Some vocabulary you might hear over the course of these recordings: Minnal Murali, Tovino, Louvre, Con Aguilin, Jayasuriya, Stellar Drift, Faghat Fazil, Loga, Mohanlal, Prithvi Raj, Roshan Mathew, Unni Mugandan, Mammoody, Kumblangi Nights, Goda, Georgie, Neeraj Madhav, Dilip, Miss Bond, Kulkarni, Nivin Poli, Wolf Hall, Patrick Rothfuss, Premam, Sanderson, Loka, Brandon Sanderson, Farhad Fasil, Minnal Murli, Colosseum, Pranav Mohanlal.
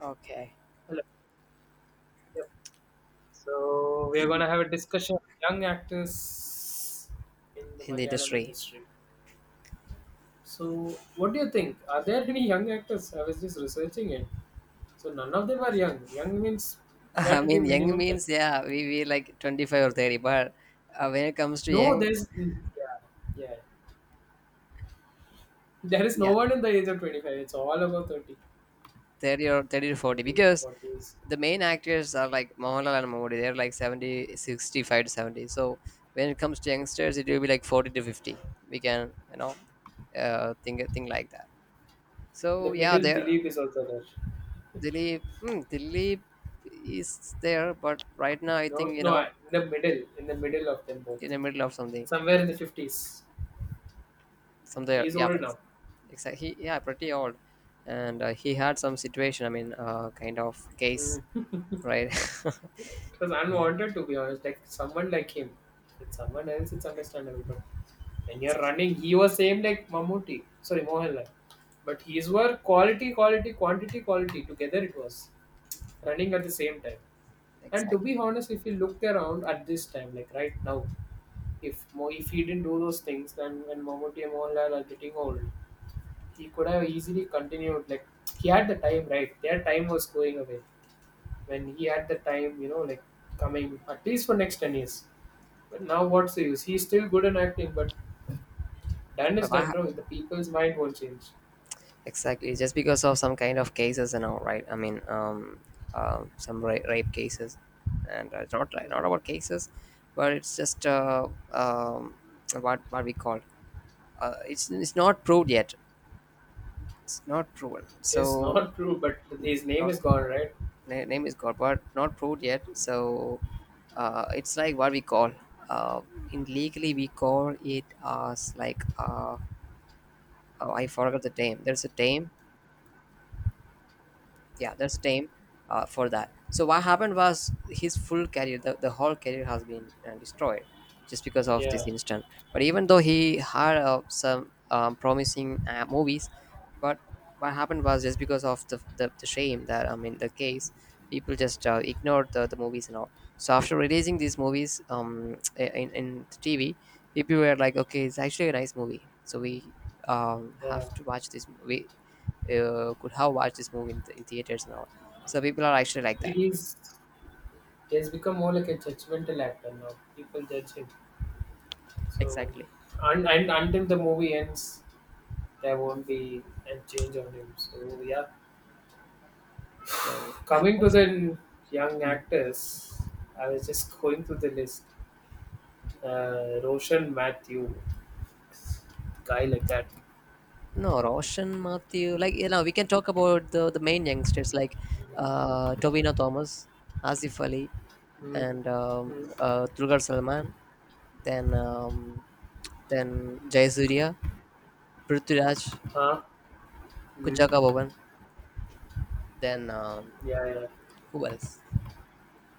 Okay, Hello. Yep. So we are going to have a discussion of young actors in the in the Malayalam industry. industry. So what do you think? Are there any young actors? I was just researching it. So none of them are young. Young means you have I to be mean, young minimum 30. means, yeah, we like 25 or 30, but when it comes to No, young, there's yeah, yeah. There is no yeah, one in the age of 25. It's all about 30, 30 or 30 to 40, 30, because forties. the main actors are like Mohanlal and Mammoody. They're like 70, 65 to 70. So when it comes to youngsters, it will be like 40 to 50. We can think like that. So, The yeah, middle there Dilip is also there. Dilip is there, but right now I No, think, no, in the middle of them in both, the middle of something. somewhere in the 50s. From He there, is yeah, old now. exactly, yeah, pretty old. And he had some situation, I mean, kind of case, Mm. right. It was unwanted to be honest. Like someone like him. With someone else, it's understandable. But when you're running, he was same like Mamuti. Sorry, Mohanlal. But his were quality, quality, quantity, quality. Together it was running at the same time. And to Exactly. be honest, if you look around at this time, like right now, if he didn't do those things, then when Mamuti and Mohanlal are getting old, he could have easily continued. Like he had the time, right? Their time was going away when he had the time, like coming at least for next 10 years. But now what's the use? He's still good in acting, but done is But done, bro. The people's mind won't change. exactly, just because of some kind of cases and all, right. I mean, some rape cases. And it's not, not about Mm. cases, but it's just, what we call, it's not proved yet, it's not proven. It is So, not true, but his name not is gone, right? Name is called, but not proved yet. So it's like what we call, uh, in legally we call it as like, oh, I forgot the name. There's a name, yeah, that's time, for that. So what happened was his full career, the whole career has been destroyed, just because of this Yeah, incident. But even though he had some promising movies, but what happened was just because of the shame, that, I mean, the case. People just ignored the movies and all. So, after releasing these movies in TV, people were like, okay, it's actually a nice movie, so we yeah. have to watch this movie, could have watched this movie in theaters and all. So people are actually like that. He's he has become more like a judgmental actor now. People judge him. So, Exactly. And until the movie ends, there won't be a change on him. So, yeah. So, and Coming to also. the young Mm. actors, I was just going through the list. Roshan Mathew, guy like that. No, Roshan Mathew, like, we can talk about the main youngsters, like Tobino Thomas, Asif Ali, Mm, and mm, Dulquer Salman, then Jayasuriya, Prithviraj, huh? Mm, Kunjaka Bhavan, then yeah, yeah. who else?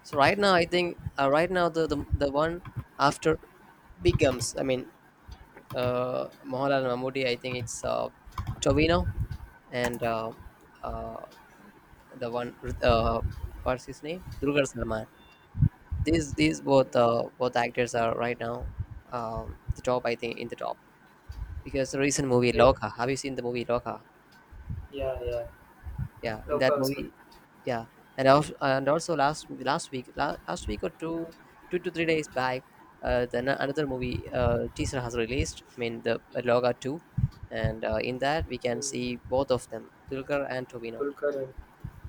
So right now, I think, right now the one after becomes. I mean, Mohanlal Mammoody. I think it's Tovino and, uh, the one, uh, what's his name? Durgar Salman. These both actors are, right now, the top. I think in the top, because the recent movie Mm, Loka. Have you seen the movie Loka? yeah, yeah, yeah. Yeah, in that Loka was good. movie. Yeah. And also, last week, last week or two, 2 to 3 days back, then another movie teaser has released. I mean the Loga two, and in that we can Mm. see both of them, Dulquer and Tobino, Kulkarni.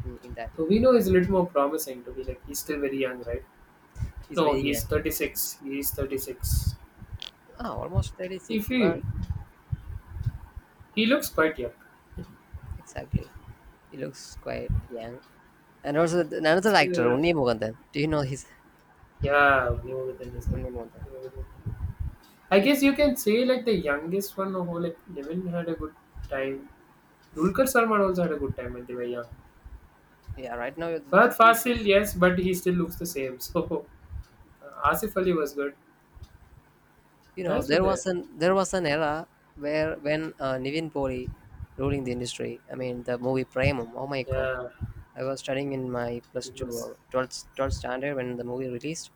in that movie. Tovino is a little more promising to be like, he's still very young, right? He's No, very young, he's 36. He's 36. Almost thirty If six, He but he looks quite young. exactly, he looks quite young. And also, another So, actor, Unni Mugandan. Do you know his yeah, new within is good. Unni Mugandan? Neo Within. I He- guess you can say like the youngest one who like Devin had a good time. Dulkar Salman also had a good time when they were young. Yeah, right now. Farhad Fasil, yes, but he still looks the same. So Asif Ali was good. Nice with that. There was an era, where when Nivin Poli ruling the industry. I mean, the movie Premam. Oh my god, Yeah, I was studying in my he plus 2 was. or 12th standard when the movie released.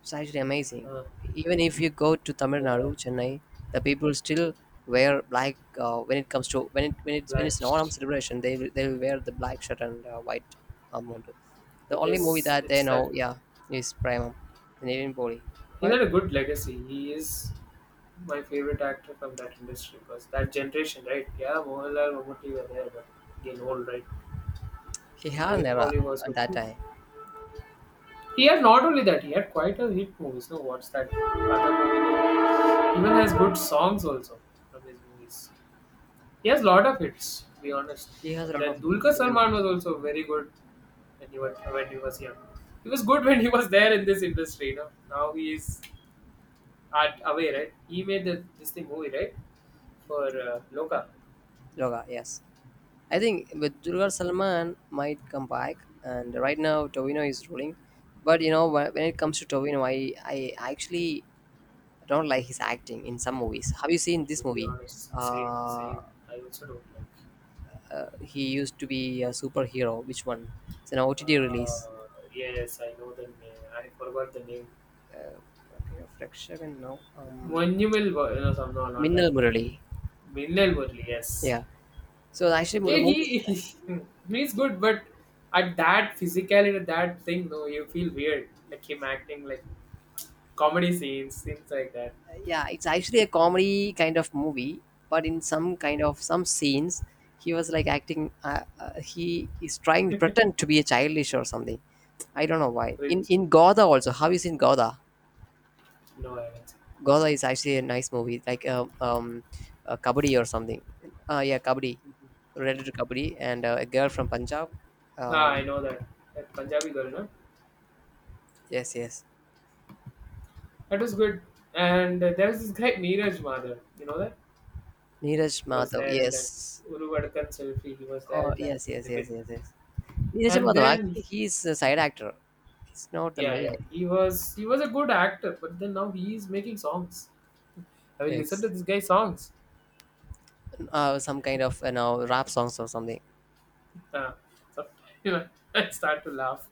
It's actually amazing. Uh, Even if you go to Tamil Nadu, yeah, Chennai, the people still wear black, when it comes to, when Black. it's an Onam celebration, they will wear the black shirt and white mundu. The I only movie guess that they it's that know, yeah, is Premam, the Nivin Poli. he had But a good legacy. He is my favorite actor from that industry because that generation, right? Yeah, Mohanlal Mamuti were there, but again old, right? he So had an Nivin era Pauly was at good that too. time. He had not only that, he had quite a hit movies. No, what's that other movie? Name? Even has good songs also from his movies. He has a lot of hits, to be honest. He has a And lot then of hits, Dulquer even. Salman was also very good when he was young. He was good when he was there in this industry. Now he is at away, right? He made this thing movie, right, for Loka. Loga, yes. I think, with Durgar Salman might come back, and right now Tovino is ruling. But, you know, when it comes to Tovino, I actually don't like his acting in some movies. Have you Yeah, seen to this be movie? honest, same, Uh, same. I also don't like. he used to be a superhero. Which one? It's an OTT Uh, release. yes, I know the name. I forgot the name. I think of Rakshagan now. Monumental, no, no, not that. Minnal Murali. Minnal Murli, yes. Yeah. So actually, Yeah, the movie is nice. he's good, but at that physicality, at that thing, no, you feel weird. Like him acting like comedy scenes, things like that. Yeah, it's actually a comedy kind of movie, but in some kind Mm. of some scenes he was like acting, he is trying to pretend to be a childish or something. I don't know why. in Cringe. in goda also. Have you seen goda? No, I haven't seen. Goda is actually a nice movie, like, kabaddi or something. Yeah, kabaddi, Mhm. related to kabaddi. And a girl from Punjab, Ah, I um know that. That Punjabi girl, no? yes, yes. That was good. And there was this guy, Neeraj Madhav. You know that? Neeraj He was Madhav, there in yes. that Uruvadkan selfie. He was there Oh, in that yes, with yes, yes, Nivin. yes, yes. Neeraj And Madhav, then, actually he is a side actor, he's not the yeah, main. yeah, he was a good actor, but then now he is making songs. I will listen to Ex- this guy's songs. Some kind of, rap songs or something. Uh, so, you know, I start to laugh.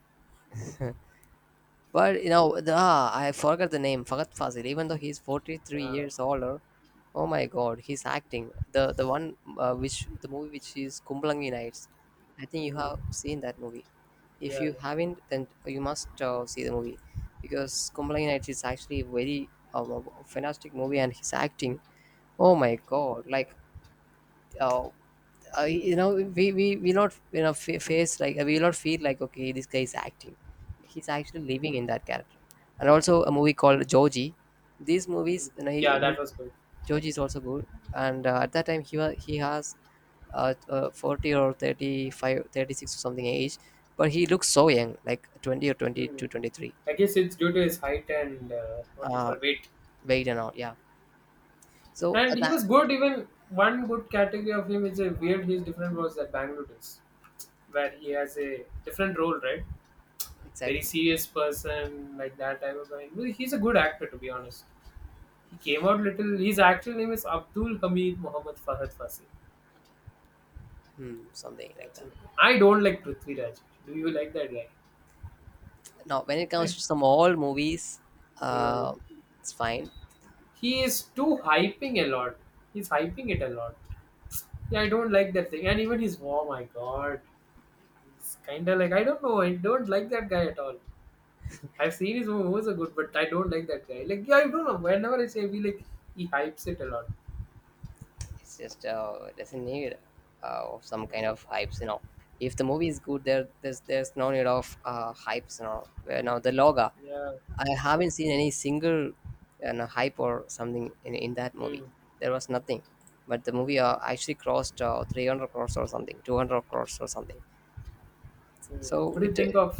But, you know, I forgot the name, Faghat Fazil. Even though he's forty three Yeah. years older, oh my god, he's acting. The one, which the movie which is Kumblangi Nights. I think you have Mm. seen that movie. Yeah. If Yeah. you haven't, then you must see the movie, because Kumblangi Nights is actually a very fantastic movie, and his acting, oh my Mm, god! Like, uh, we not, face, like we not feel like, okay, this guy is acting, he's actually living in mm. that character. And also, a movie called georgie. These Mm. movies, you know, Yeah, that was good. georgie is also good. And at that time he was, he has 40 or 35, 36 or something age, but he looks so young, like 20 or twenty Mm. two, 23. I guess it's due to his height and what do 23, you call weight. weight and all, yeah. So And he that, was good. Even one good category of him is a weird. He's different was that Bangalore is, where he has a different role, right? Very exactly. serious person like that type of guy. Well, he's a good actor to be honest. He came out little. His actual name is Abdul Hamid Mohammed Fahad Fassi. Hmm, something like That's that. it. I don't like Prithvi Raj. Do you like that guy? Now, when it comes I, to some old movies, he, was- uh it's fine. he is too hyping a lot. He's hyping it a lot. Yeah, I don't like that thing. And even his oh my god, he's kind of like I don't know. I don't like that guy at all. I've seen his movies are good, but I don't like that guy. Like yeah, I don't know. Whenever I say we like, he hypes it a lot. It's just, doesn't need, of some kind Mm. of hypes. If the movie is good, there's no need of hypes. Where now the loga, Yeah. I haven't seen any single, hype or something in that movie. Mm. There was nothing, but the movie actually crossed 300 crores or something, 200 crores or something. Mm. So What do you it think of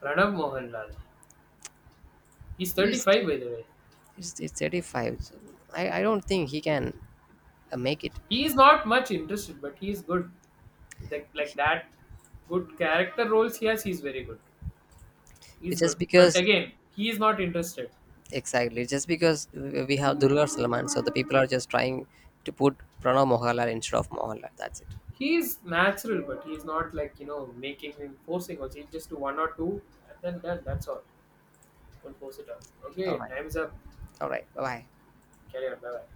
Pranav Mohanlal? He's is. 35 by the way. It's 35, so I don't think he can make it. He is not much interested, but he is good. Like that, good character roles he has. He's very good. It's He's good, just but because. again, he is not interested. Exactly. Just because we have Durgar Salman, so the people are just trying to put Pranav Mohanlal instead of Mohanlal. That's it. He is natural, but he's not like making him forcing. Also, he just do one or two, and then done. That's all. Don't force it out. All Okay, right. time's up. All right. Bye bye. Carry on. Bye bye.